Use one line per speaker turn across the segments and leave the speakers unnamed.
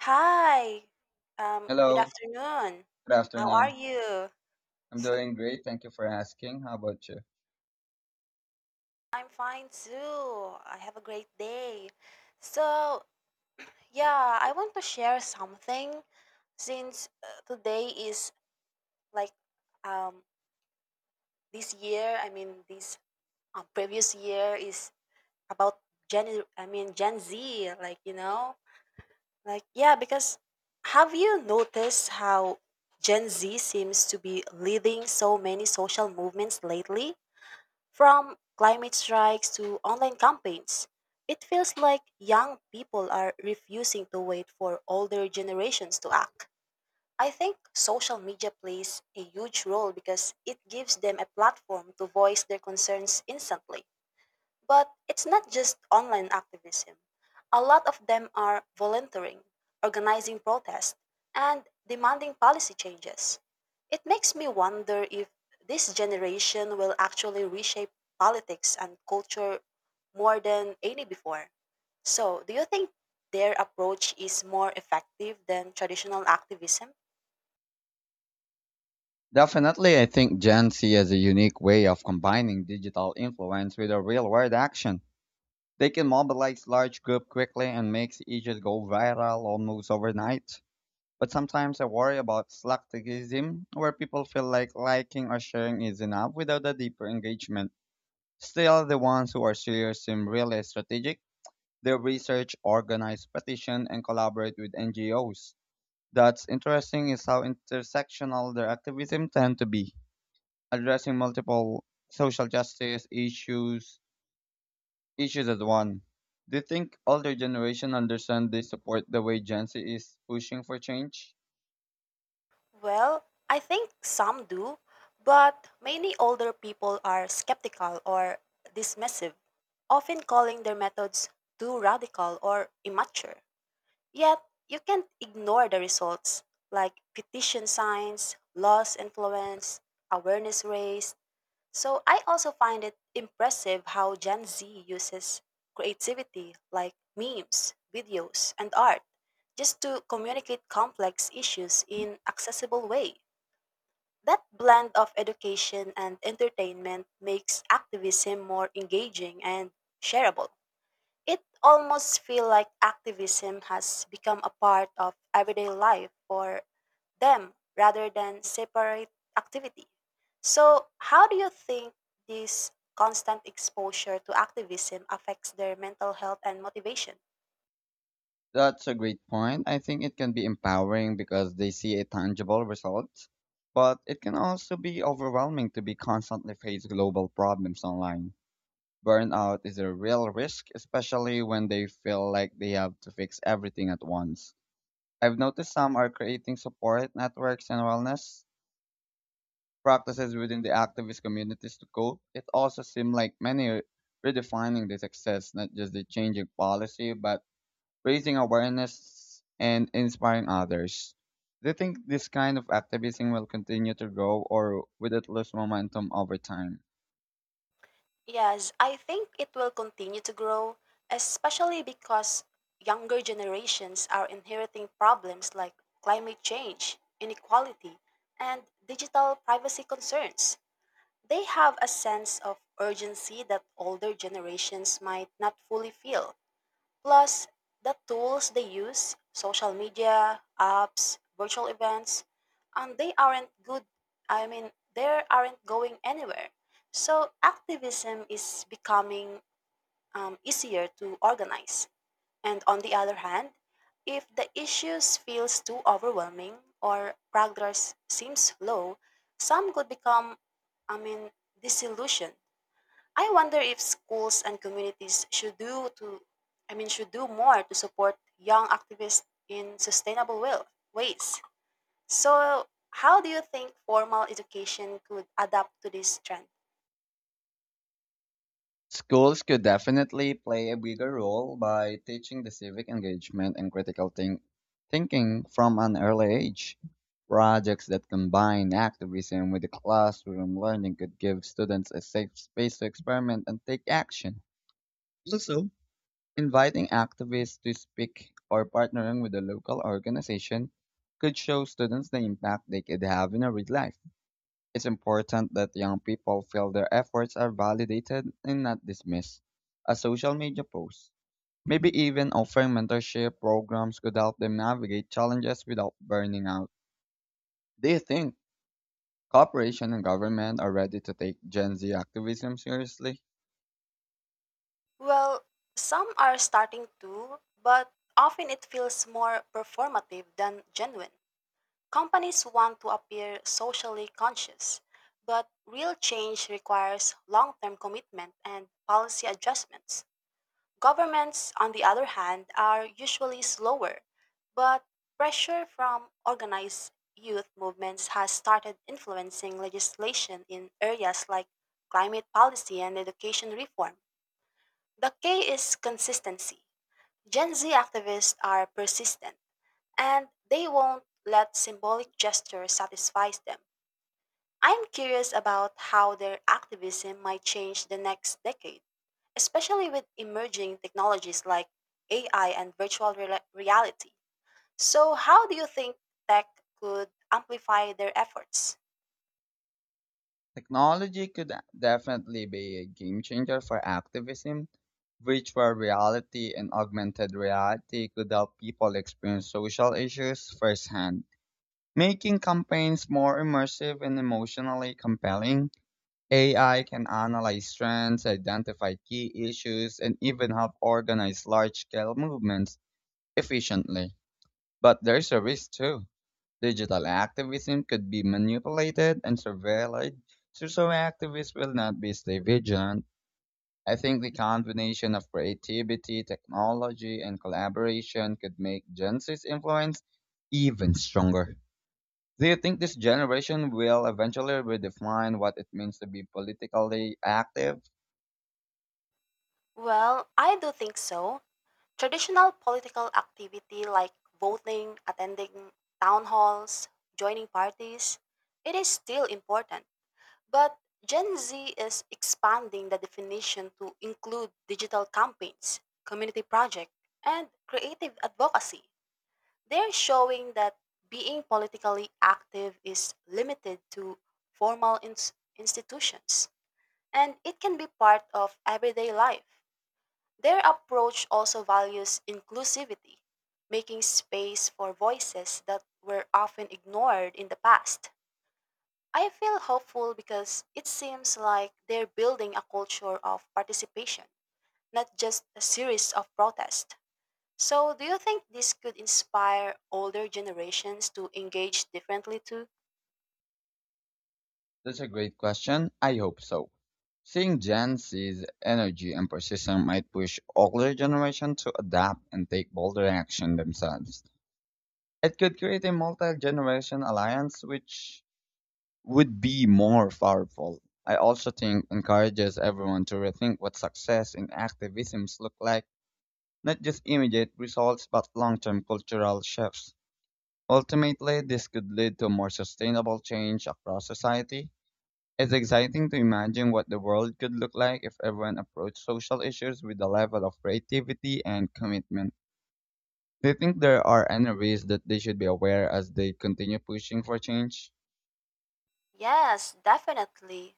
Hi. Good
Hello,
afternoon.
good
How are
afternoon.
you?
I'm doing great. Thank you for asking. How about you?
I'm fine too. I have a great day. So, yeah, I want to share something since today is like um this year, I mean this previous year is about Gen I mean Gen Z, like. Yeah, because have you noticed how Gen Z seems to be leading so many social movements lately? From climate strikes to online campaigns, it feels like young people are refusing to wait for older generations to act. I think social media plays a huge role because it gives them a platform to voice their concerns instantly. But it's not just online activism. A lot of them are volunteering, organizing protests, and demanding policy changes. It makes me wonder if this generation will actually reshape politics and culture more than any before. So, do you think their approach is more effective than traditional activism?
Definitely, I think Gen Z has a unique way of combining digital influence with a real world action. They can mobilize large group quickly and make issues go viral almost overnight. But sometimes I worry about slacktivism, where people feel like liking or sharing is enough without a deeper engagement. Still, the ones who are serious seem really strategic. They research, organize petition, and collaborate with NGOs. That's interesting is how intersectional their activism tend to be, addressing multiple social justice issues as one. Do you think older generation understand they support the way Gen Z is pushing for change?
Well, I think some do, but many older people are skeptical or dismissive, often calling their methods too radical or immature. Yet, you can't ignore the results, like petition signs, laws influence, awareness raised. So, I also find it impressive how Gen Z uses creativity like memes, videos, and art just to communicate complex issues in accessible way. That blend of education and entertainment makes activism more engaging and shareable. It almost feels like activism has become a part of everyday life for them rather than separate activity. So, how do you think this constant exposure to activism affects their mental health and motivation?
That's a great point. I think it can be empowering because they see a tangible result, but it can also be overwhelming to be constantly face global problems online. Burnout is a real risk, especially when they feel like they have to fix everything at once. I've noticed some are creating support networks and wellness practices within the activist communities to cope. It also seems like many are redefining the success, not just the changing policy, but raising awareness and inspiring others. Do you think this kind of activism will continue to grow or will it lose momentum over time?
Yes, I think it will continue to grow, especially because younger generations are inheriting problems like climate change, inequality, and digital privacy concerns. They have a sense of urgency that older generations might not fully feel. Plus, the tools they use, social media, apps, virtual events, and they aren't good, I mean, they aren't going anywhere. So, activism is becoming easier to organize. And on the other hand, if the issues feels too overwhelming or progress seems slow, some could become, I mean, disillusioned. I wonder if schools and communities should do to I mean should do more to support young activists in sustainable will, ways. So, how do you think formal education could adapt to this trend?
Schools could definitely play a bigger role by teaching the civic engagement and critical thinking from an early age. Projects that combine activism with the classroom learning could give students a safe space to experiment and take action. Also, inviting activists to speak or partnering with a local organization could show students the impact they could have in a real life. It's important that young people feel their efforts are validated and not dismissed. A social media post, maybe even offering mentorship programs could help them navigate challenges without burning out. Do you think corporation and government are ready to take Gen Z activism seriously?
Well, some are starting to, but often it feels more performative than genuine. Companies want to appear socially conscious, but real change requires long-term commitment and policy adjustments. Governments, on the other hand, are usually slower, but pressure from organized youth movements has started influencing legislation in areas like climate policy and education reform. The key is consistency. Gen Z activists are persistent, and they won't let symbolic gestures satisfy them. I'm curious about how their activism might change the next decade especially with emerging technologies like AI and reality. So, how do you think tech could amplify their efforts?
Technology could definitely be a game changer for activism. Virtual reality and augmented reality could help people experience social issues firsthand, making campaigns more immersive and emotionally compelling. AI can analyze trends, identify key issues, and even help organize large scale movements efficiently. But there's a risk too. Digital activism could be manipulated and surveilled, so activists will not be stay vigilant. I think the combination of creativity, technology, and collaboration could make Gen Z's influence even stronger. Do you think this generation will eventually redefine what it means to be politically active?
Well, I do think so. Traditional political activity like voting, attending town halls, joining parties, it is still important. But Gen Z is expanding the definition to include digital campaigns, community projects, and creative advocacy. They're showing that being politically active is limited to institutions and it can be part of everyday life. Their approach also values inclusivity, making space for voices that were often ignored in the past. I feel hopeful because it seems like they're building a culture of participation, not just a series of protests. So, do you think this could inspire older generations to engage differently too?
That's a great question. I hope so. Seeing Gen Z's energy and persistence might push older generations to adapt and take bolder action themselves. It could create a multi-generation alliance which would be more powerful. I also think encourages everyone to rethink what success in activisms look like, not just immediate results but long-term cultural shifts. Ultimately, this could lead to more sustainable change across society. It's exciting to imagine what the world could look like if everyone approached social issues with a level of creativity and commitment. Do you think there are any risks that they should be aware as they continue pushing for change?
Yes, definitely.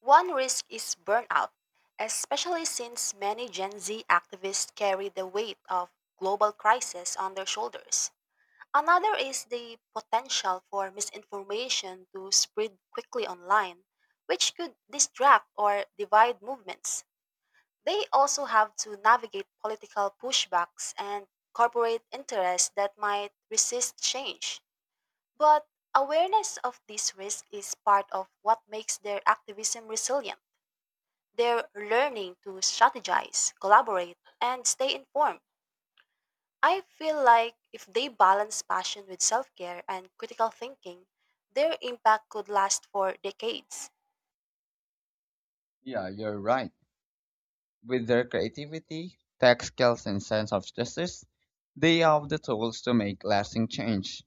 One risk is burnout, especially since many Gen Z activists carry the weight of global crisis on their shoulders. Another is the potential for misinformation to spread quickly online, which could distract or divide movements. They also have to navigate political pushbacks and corporate interests that might resist change. But awareness of this risk is part of what makes their activism resilient. They're learning to strategize, collaborate, and stay informed. I feel like if they balance passion with self care and critical thinking, their impact could last for decades.
Yeah, you're right. With their creativity, tech skills, and sense of justice, they have the tools to make lasting change.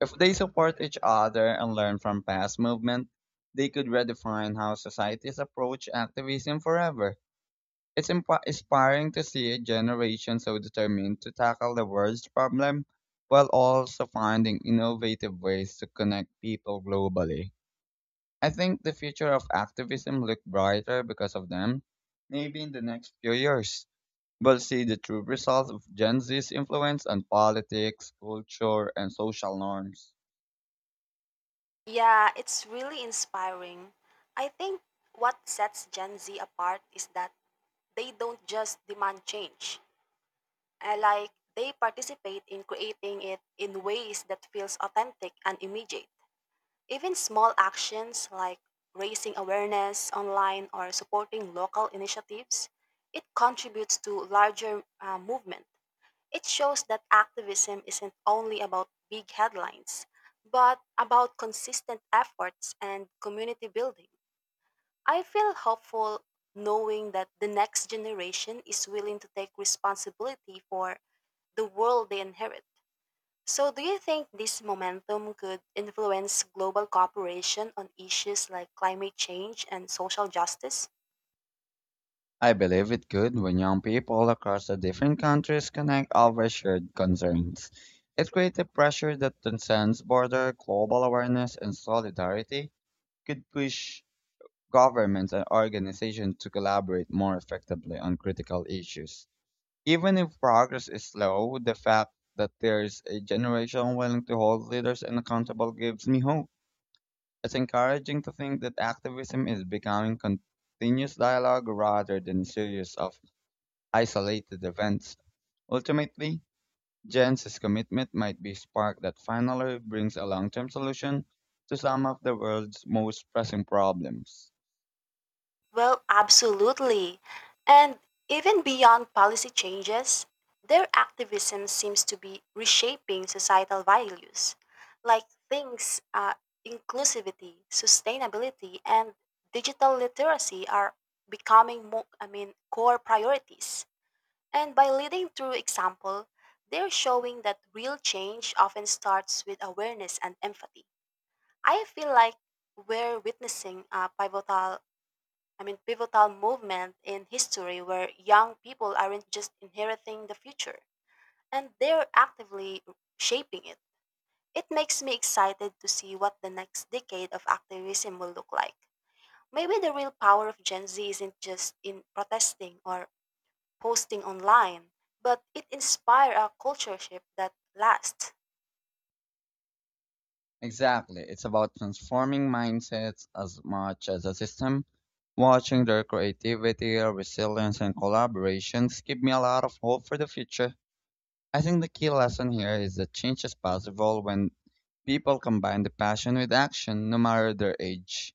If they support each other and learn from past movement, they could redefine how societies approach activism forever. It's inspiring to see a generation so determined to tackle the world's problem while also finding innovative ways to connect people globally. I think the future of activism looks brighter because of them. Maybe in the next few years, we'll see the true results of Gen Z's influence on politics, culture, and social norms.
Yeah, it's really inspiring. I think what sets Gen Z apart is that they don't just demand change. I like they participate in creating it in ways that feels authentic and immediate. Even small actions like raising awareness online or supporting local initiatives, it contributes to larger movement. It shows that activism isn't only about big headlines, but about consistent efforts and community building. I feel hopeful knowing that the next generation is willing to take responsibility for the world they inherit. So, do you think this momentum could influence global cooperation on issues like climate change and social justice?
I believe it good when young people across the different countries connect over shared concerns. It creates a pressure that transcends border, global awareness, and solidarity could push governments and organizations to collaborate more effectively on critical issues. Even if progress is slow, the fact that there's a generation willing to hold leaders and accountable gives me hope. It's encouraging to think that activism is becoming continuous dialogue rather than a series of isolated events. Ultimately, Jens' commitment might be a spark that finally brings a long term solution to some of the world's most pressing problems.
Well, absolutely. And even beyond policy changes, their activism seems to be reshaping societal values, like things inclusivity, sustainability, and digital literacy are becoming more, I mean, core priorities. And by leading through example, they're showing that real change often starts with awareness and empathy. I feel like we're witnessing a pivotal movement in history where young people aren't just inheriting the future, and they're actively shaping it. It makes me excited to see what the next decade of activism will look like. Maybe the real power of Gen Z isn't just in protesting or posting online, but it inspires a culture shift that lasts.
Exactly. It's about transforming mindsets as much as a system. Watching their creativity, resilience, and collaborations give me a lot of hope for the future. I think the key lesson here is that change is possible when people combine the passion with action, no matter their age.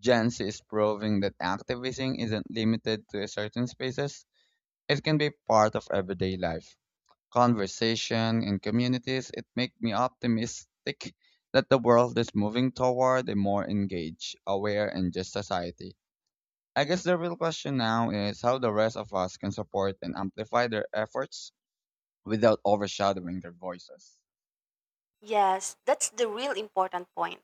Jens is proving that activism isn't limited to certain spaces. It can be part of everyday life. Conversation and communities, it makes me optimistic that the world is moving toward a more engaged, aware, and just society. I guess the real question now is how the rest of us can support and amplify their efforts without overshadowing their voices.
Yes, that's the real important point.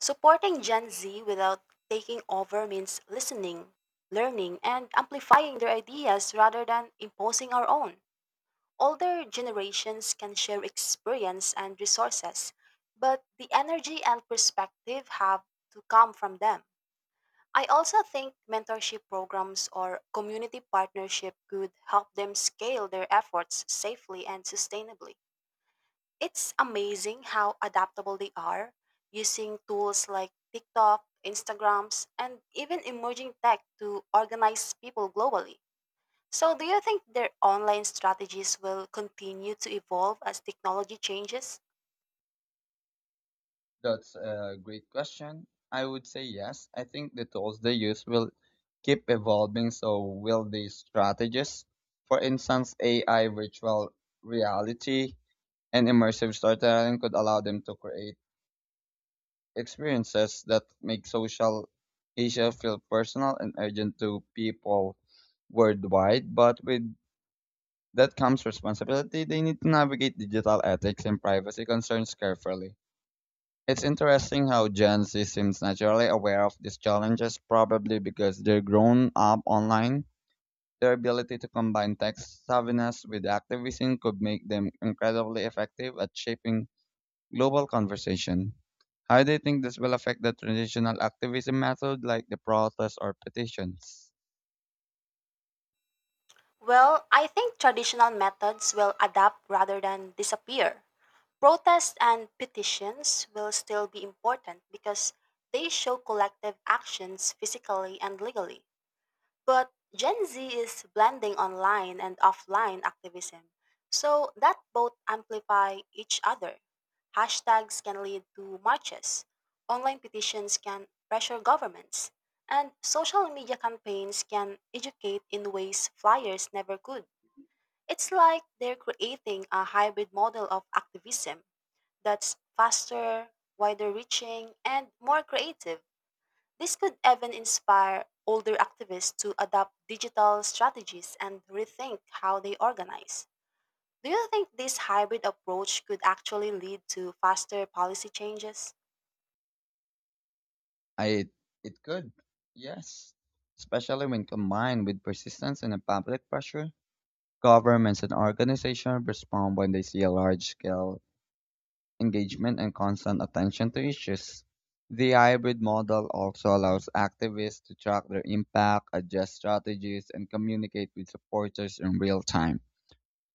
Supporting Gen Z without taking over means listening, learning, and amplifying their ideas rather than imposing our own. Older generations can share experience and resources, but the energy and perspective have to come from them. I also think mentorship programs or community partnership could help them scale their efforts safely and sustainably. It's amazing how adaptable they are using tools like TikTok, Instagrams, and even emerging tech to organize people globally. So, do you think their online strategies will continue to evolve as technology changes?
That's a great question. I would say yes. I think the tools they use will keep evolving, so will these strategies. For instance, AI, virtual reality, and immersive storytelling could allow them to create experiences that make social Asia feel personal and urgent to people worldwide. But with that comes responsibility. They need to navigate digital ethics and privacy concerns carefully. It's interesting how Gen Z seems naturally aware of these challenges, probably because they're grown up online. Their ability to combine tech savviness with activism could make them incredibly effective at shaping global conversation. How do you think this will affect the traditional activism method like the protests or petitions?
Well, I think traditional methods will adapt rather than disappear. Protests and petitions will still be important because they show collective actions physically and legally. But Gen Z is blending online and offline activism, so that both amplify each other. Hashtags can lead to marches, online petitions can pressure governments, and social media campaigns can educate in ways flyers never could. It's like they're creating a hybrid model of activism that's faster, wider reaching, and more creative. This could even inspire older activists to adopt digital strategies and rethink how they organize. Do you think this hybrid approach could actually lead to faster policy changes?
I It could, yes. Especially when combined with persistence and a public pressure. Governments and organizations respond when they see a large scale engagement and constant attention to issues. The hybrid model also allows activists to track their impact, adjust strategies, and communicate with supporters in real time,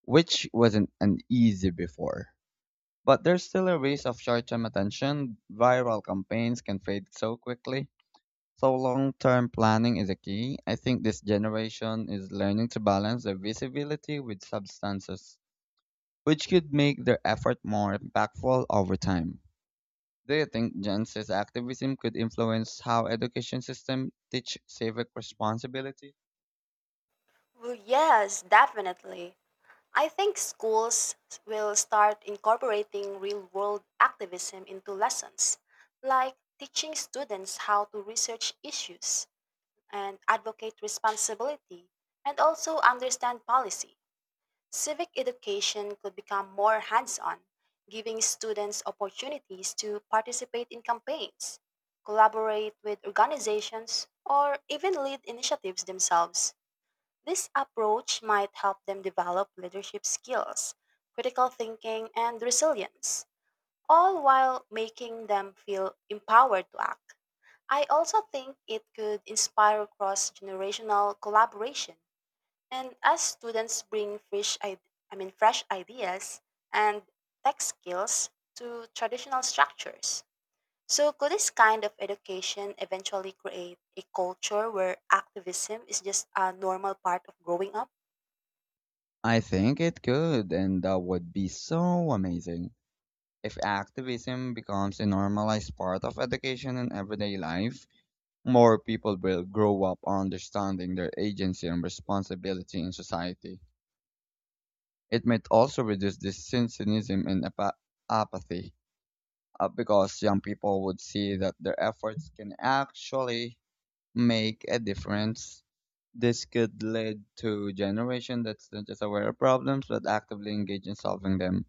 which wasn't an easy before. But there's still a risk of short term attention. Viral campaigns can fade so quickly. So long term planning is a key. I think this generation is learning to balance their visibility with substances, which could make their effort more impactful over time. Do you think Gen Z's activism could influence how education system teach civic responsibility?
Well, yes, definitely. I think schools will start incorporating real world activism into lessons, like teaching students how to research issues and advocate responsibility and also understand policy. Civic education could become more hands on, giving students opportunities to participate in campaigns, collaborate with organizations, or even lead initiatives themselves. This approach might help them develop leadership skills, critical thinking, and resilience, all while making them feel empowered to act. I also think it could inspire cross generational collaboration and as students bring fresh, I mean, fresh ideas and tech skills to traditional structures. So, could this kind of education eventually create a culture where activism is just a normal part of growing up?
I think it could, and that would be so amazing. If activism becomes a normalized part of education and everyday life, more people will grow up understanding their agency and responsibility in society. It might also reduce this cynicism and apathy, because young people would see that their efforts can actually make a difference. This could lead to generation that's not just aware of problems but actively engaged in solving them.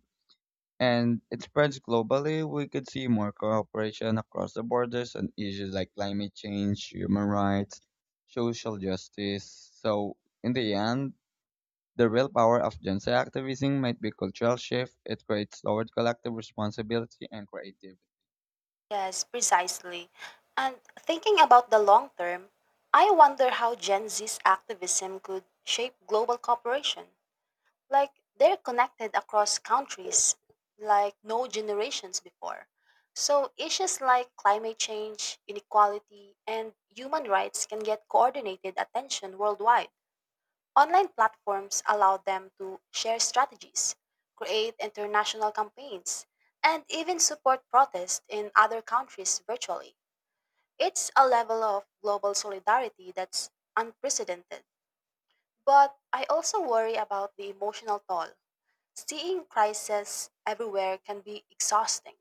And it spreads globally. We could see more cooperation across the borders on issues like climate change, human rights, social justice. So, in the end, the real power of Gen Z activism might be cultural shift. It creates lowered collective responsibility and creativity.
Yes, precisely. And thinking about the long term, I wonder how Gen Z's activism could shape global cooperation. Like they're connected across countries like no generations before. So issues like climate change, inequality, and human rights can get coordinated attention worldwide. Online platforms allow them to share strategies, create international campaigns, and even support protests in other countries virtually. It's a level of global solidarity that's unprecedented. But I also worry about the emotional toll. Seeing crises everywhere can be exhausting.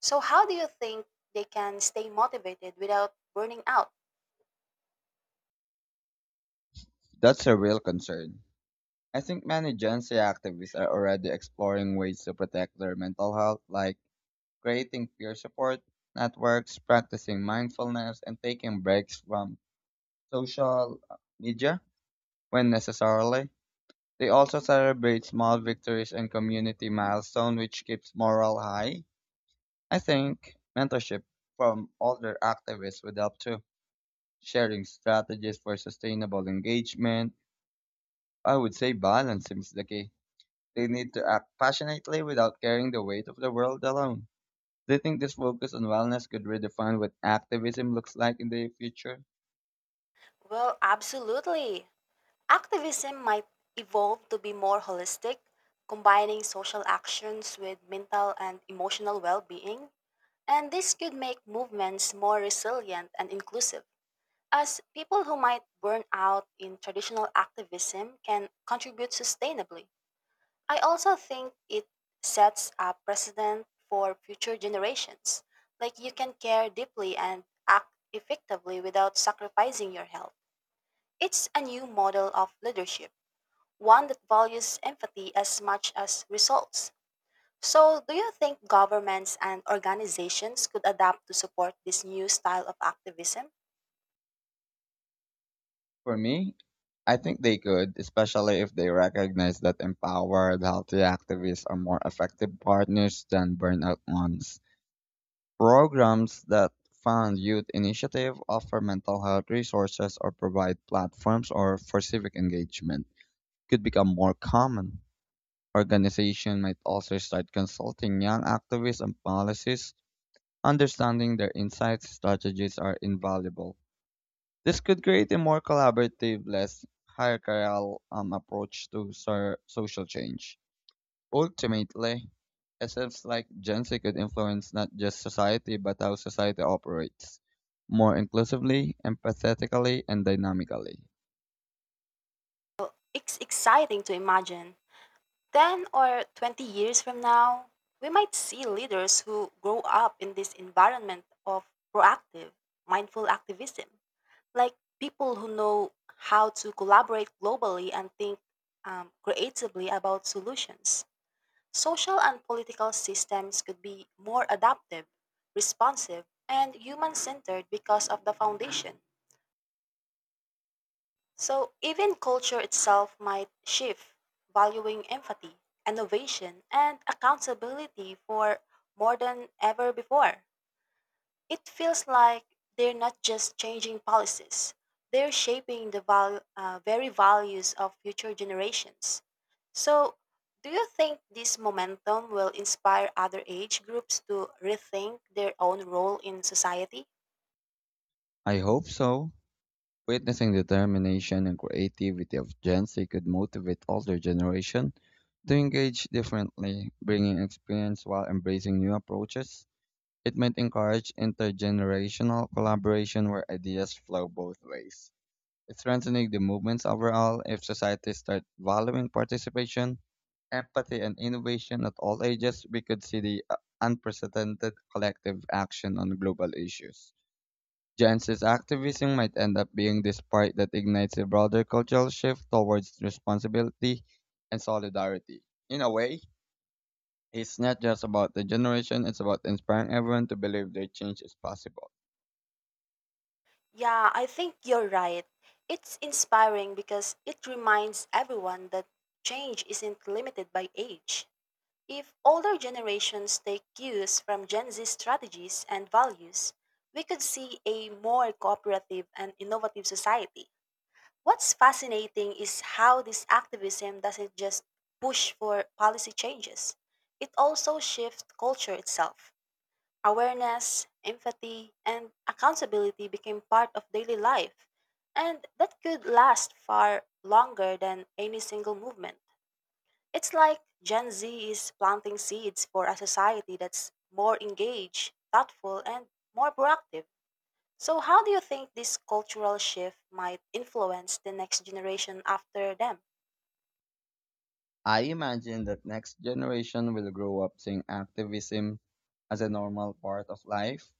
So, how do you think they can stay motivated without burning out?
That's a real concern. I think many Gen Z activists are already exploring ways to protect their mental health, like creating peer support networks, practicing mindfulness, and taking breaks from social media when necessarily. They also celebrate small victories and community milestones, which keeps morale high. I think mentorship from older activists would help too. Sharing strategies for sustainable engagement. I would say balance seems the key. They need to act passionately without carrying the weight of the world alone. Do you think this focus on wellness could redefine what activism looks like in the future?
Well, absolutely. Activism might evolve to be more holistic, combining social actions with mental and emotional well being. And this could make movements more resilient and inclusive, as people who might burn out in traditional activism can contribute sustainably. I also think it sets a precedent for future generations. Like you can care deeply and act effectively without sacrificing your health. It's a new model of leadership, one that values empathy as much as results. So, do you think governments and organizations could adapt to support this new style of activism?
For me, I think they could, especially if they recognize that empowered, healthy activists are more effective partners than burnout ones. Programs that fund youth initiative offer mental health resources or provide platforms or for civic engagement could become more common. Organization might also start consulting young activists on policies. Understanding their insights, strategies are invaluable. This could create a more collaborative, less hierarchical approach to social change. Ultimately, SFs like Gen Z could influence not just society but how society operates more inclusively, empathetically, and dynamically.
It's exciting to imagine. 10 or 20 years from now, we might see leaders who grow up in this environment of proactive, mindful activism, like people who know how to collaborate globally and think creatively about solutions. Social and political systems could be more adaptive, responsive, and human centered because of the foundation. So even culture itself might shift, valuing empathy, innovation, and accountability for more than ever before. It feels like they're not just changing policies, they're shaping the very values of future generations. So, do you think this momentum will inspire other age groups to rethink their own role in society?
I hope so. Witnessing the determination and creativity of Gen Z could motivate older generation to engage differently, bringing experience while embracing new approaches. It might encourage intergenerational collaboration where ideas flow both ways. Strengthening the movements overall, if society starts valuing participation, empathy, and innovation at all ages, we could see the unprecedented collective action on global issues. Jens's activism might end up being the spark that ignites a broader cultural shift towards responsibility and solidarity. In a way, it's not just about the generation, it's about inspiring everyone to believe their change is possible.
Yeah, I think you're right. It's inspiring because it reminds everyone that change isn't limited by age. If older generations take cues from Gen Z strategies and values, we could see a more cooperative and innovative society. What's fascinating is how this activism doesn't just push for policy changes, it also shifts culture itself. Awareness, empathy, and accountability became part of daily life, and that could last far longer than any single movement. It's like Gen Z is planting seeds for a society that's more engaged, thoughtful, and more proactive. So, how do you think this cultural shift might influence the next generation after them?
I imagine that next generation will grow up seeing activism as a normal part of life,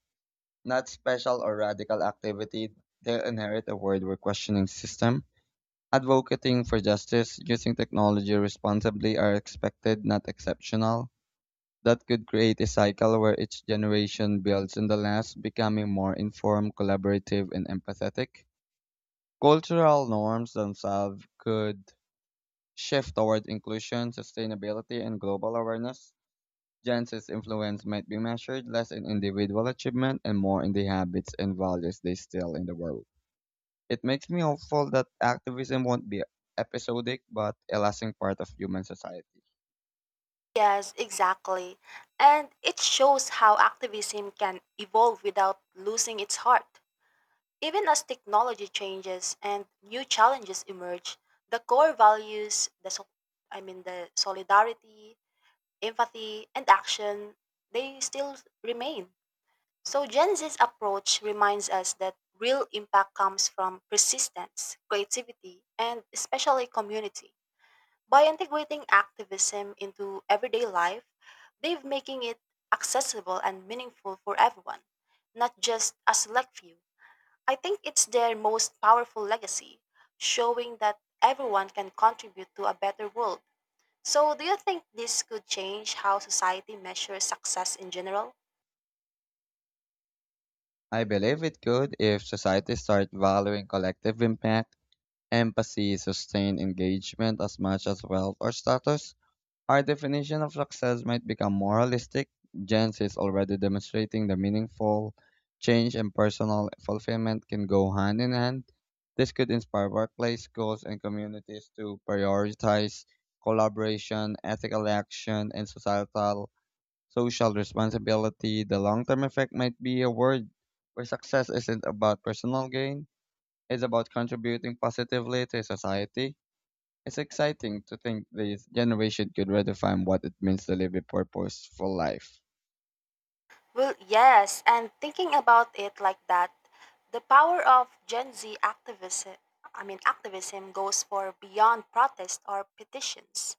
not special or radical activity. They'll inherit a world where questioning system, advocating for justice, using technology responsibly are expected, not exceptional. That could create a cycle where each generation builds on the last, becoming more informed, collaborative, and empathetic. Cultural norms themselves could shift toward inclusion, sustainability, and global awareness. Gen Z's influence might be measured less in individual achievement and more in the habits and values they still in the world. It makes me hopeful that activism won't be episodic but a lasting part of human society.
Yes, exactly. And it shows how activism can evolve without losing its heart. Even as technology changes and new challenges emerge, the core values, the solidarity, empathy, and action, they still remain. So Gen Z's approach reminds us that real impact comes from persistence, creativity, and especially community. By integrating activism into everyday life, they've making it accessible and meaningful for everyone, not just a select few. I think it's their most powerful legacy, showing that everyone can contribute to a better world. So, do you think this could change how society measures success in general?
I believe it could if society starts valuing collective impact empathy, sustained engagement as much as wealth or status. Our definition of success might become moralistic. Gen Z is already demonstrating the meaningful change and personal fulfillment can go hand in hand. This could inspire workplace, schools, and communities to prioritize collaboration, ethical action, and societal social responsibility. The long term effect might be a world where success isn't about personal gain is about contributing positively to society. It's exciting to think this generation could redefine what it means to live a purposeful life.
Well, yes, and thinking about it like that, the power of Gen Z activism, I mean activism goes for beyond protest or petitions.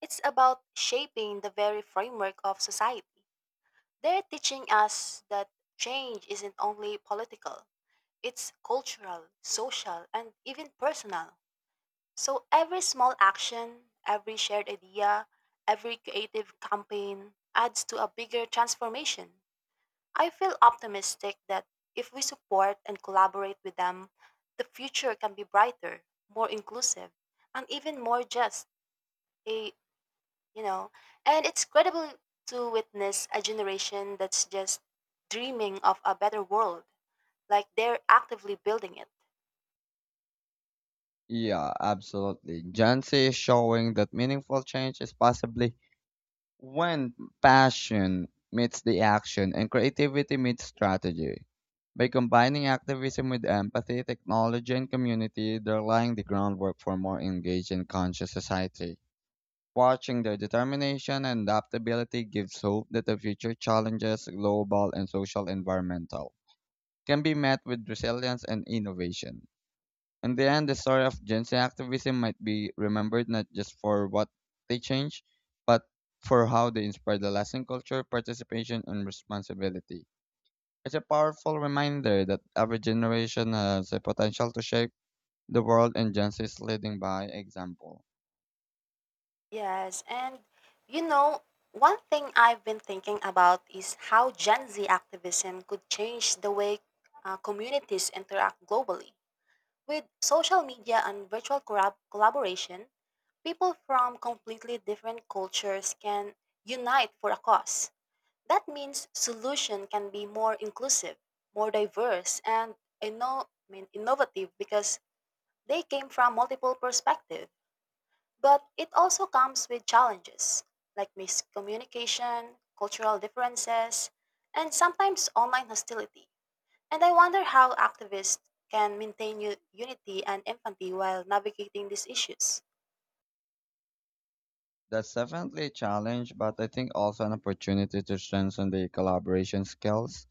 It's about shaping the very framework of society. They're teaching us that change isn't only political. It's cultural, social, and even personal. So every small action, every shared idea, every creative campaign adds to a bigger transformation. I feel optimistic that if we support and collaborate with them, the future can be brighter, more inclusive, and even more just. A, you know, and it's credible to witness a generation that's just dreaming of a better world, like they're actively building it.
Yeah, absolutely. Gen Z is showing that meaningful change is possibly when passion meets the action and creativity meets strategy. By combining activism with empathy, technology, and community, they're laying the groundwork for a more engaged and conscious society. Watching their determination and adaptability gives hope that the future challenges, global and social environmental, can be met with resilience and innovation. In the end, the story of Gen Z activism might be remembered not just for what they changed, but for how they inspired the lasting culture, participation, and responsibility. It's a powerful reminder that every generation has the potential to shape the world, and Gen Z is leading by example.
Yes, and you know, one thing I've been thinking about is how Gen Z activism could change the way communities interact globally. With social media and collaboration, people from completely different cultures can unite for a cause. That means solution can be more inclusive, more diverse, and innovative because they came from multiple perspectives. But it also comes with challenges like miscommunication, cultural differences, and sometimes online hostility. And I wonder how activists can maintain unity and empathy while navigating these issues.
That's definitely a challenge, but I think also an opportunity to strengthen their collaboration skills.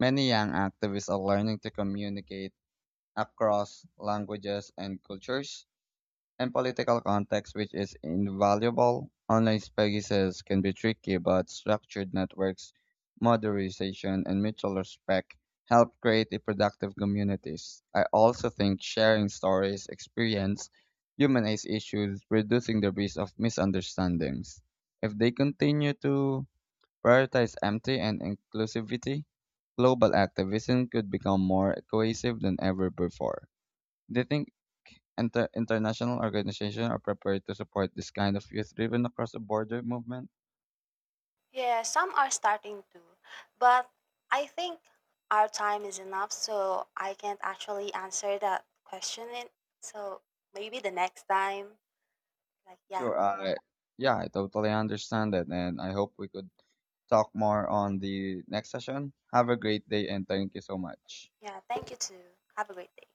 Many young activists are learning to communicate across languages and cultures, and political context which is invaluable. Online spaces can be tricky, but structured networks, modernization, and mutual respect help create a productive communities. I also think sharing stories, experience, humanize issues, reducing the risk of misunderstandings. If they continue to prioritize empathy and inclusivity, global activism could become more cohesive than ever before. Do you think international organizations are prepared to support this kind of youth-driven across-the-border movement?
Yeah, some are starting to, but I think our time is enough, so I can't actually answer that question. In, so maybe the next time, like, yeah,
Sure. Yeah, I totally understand that, and I hope we could talk more on the next session. Have a great day, and thank you so much.
yeah, thank you too. Have a great day.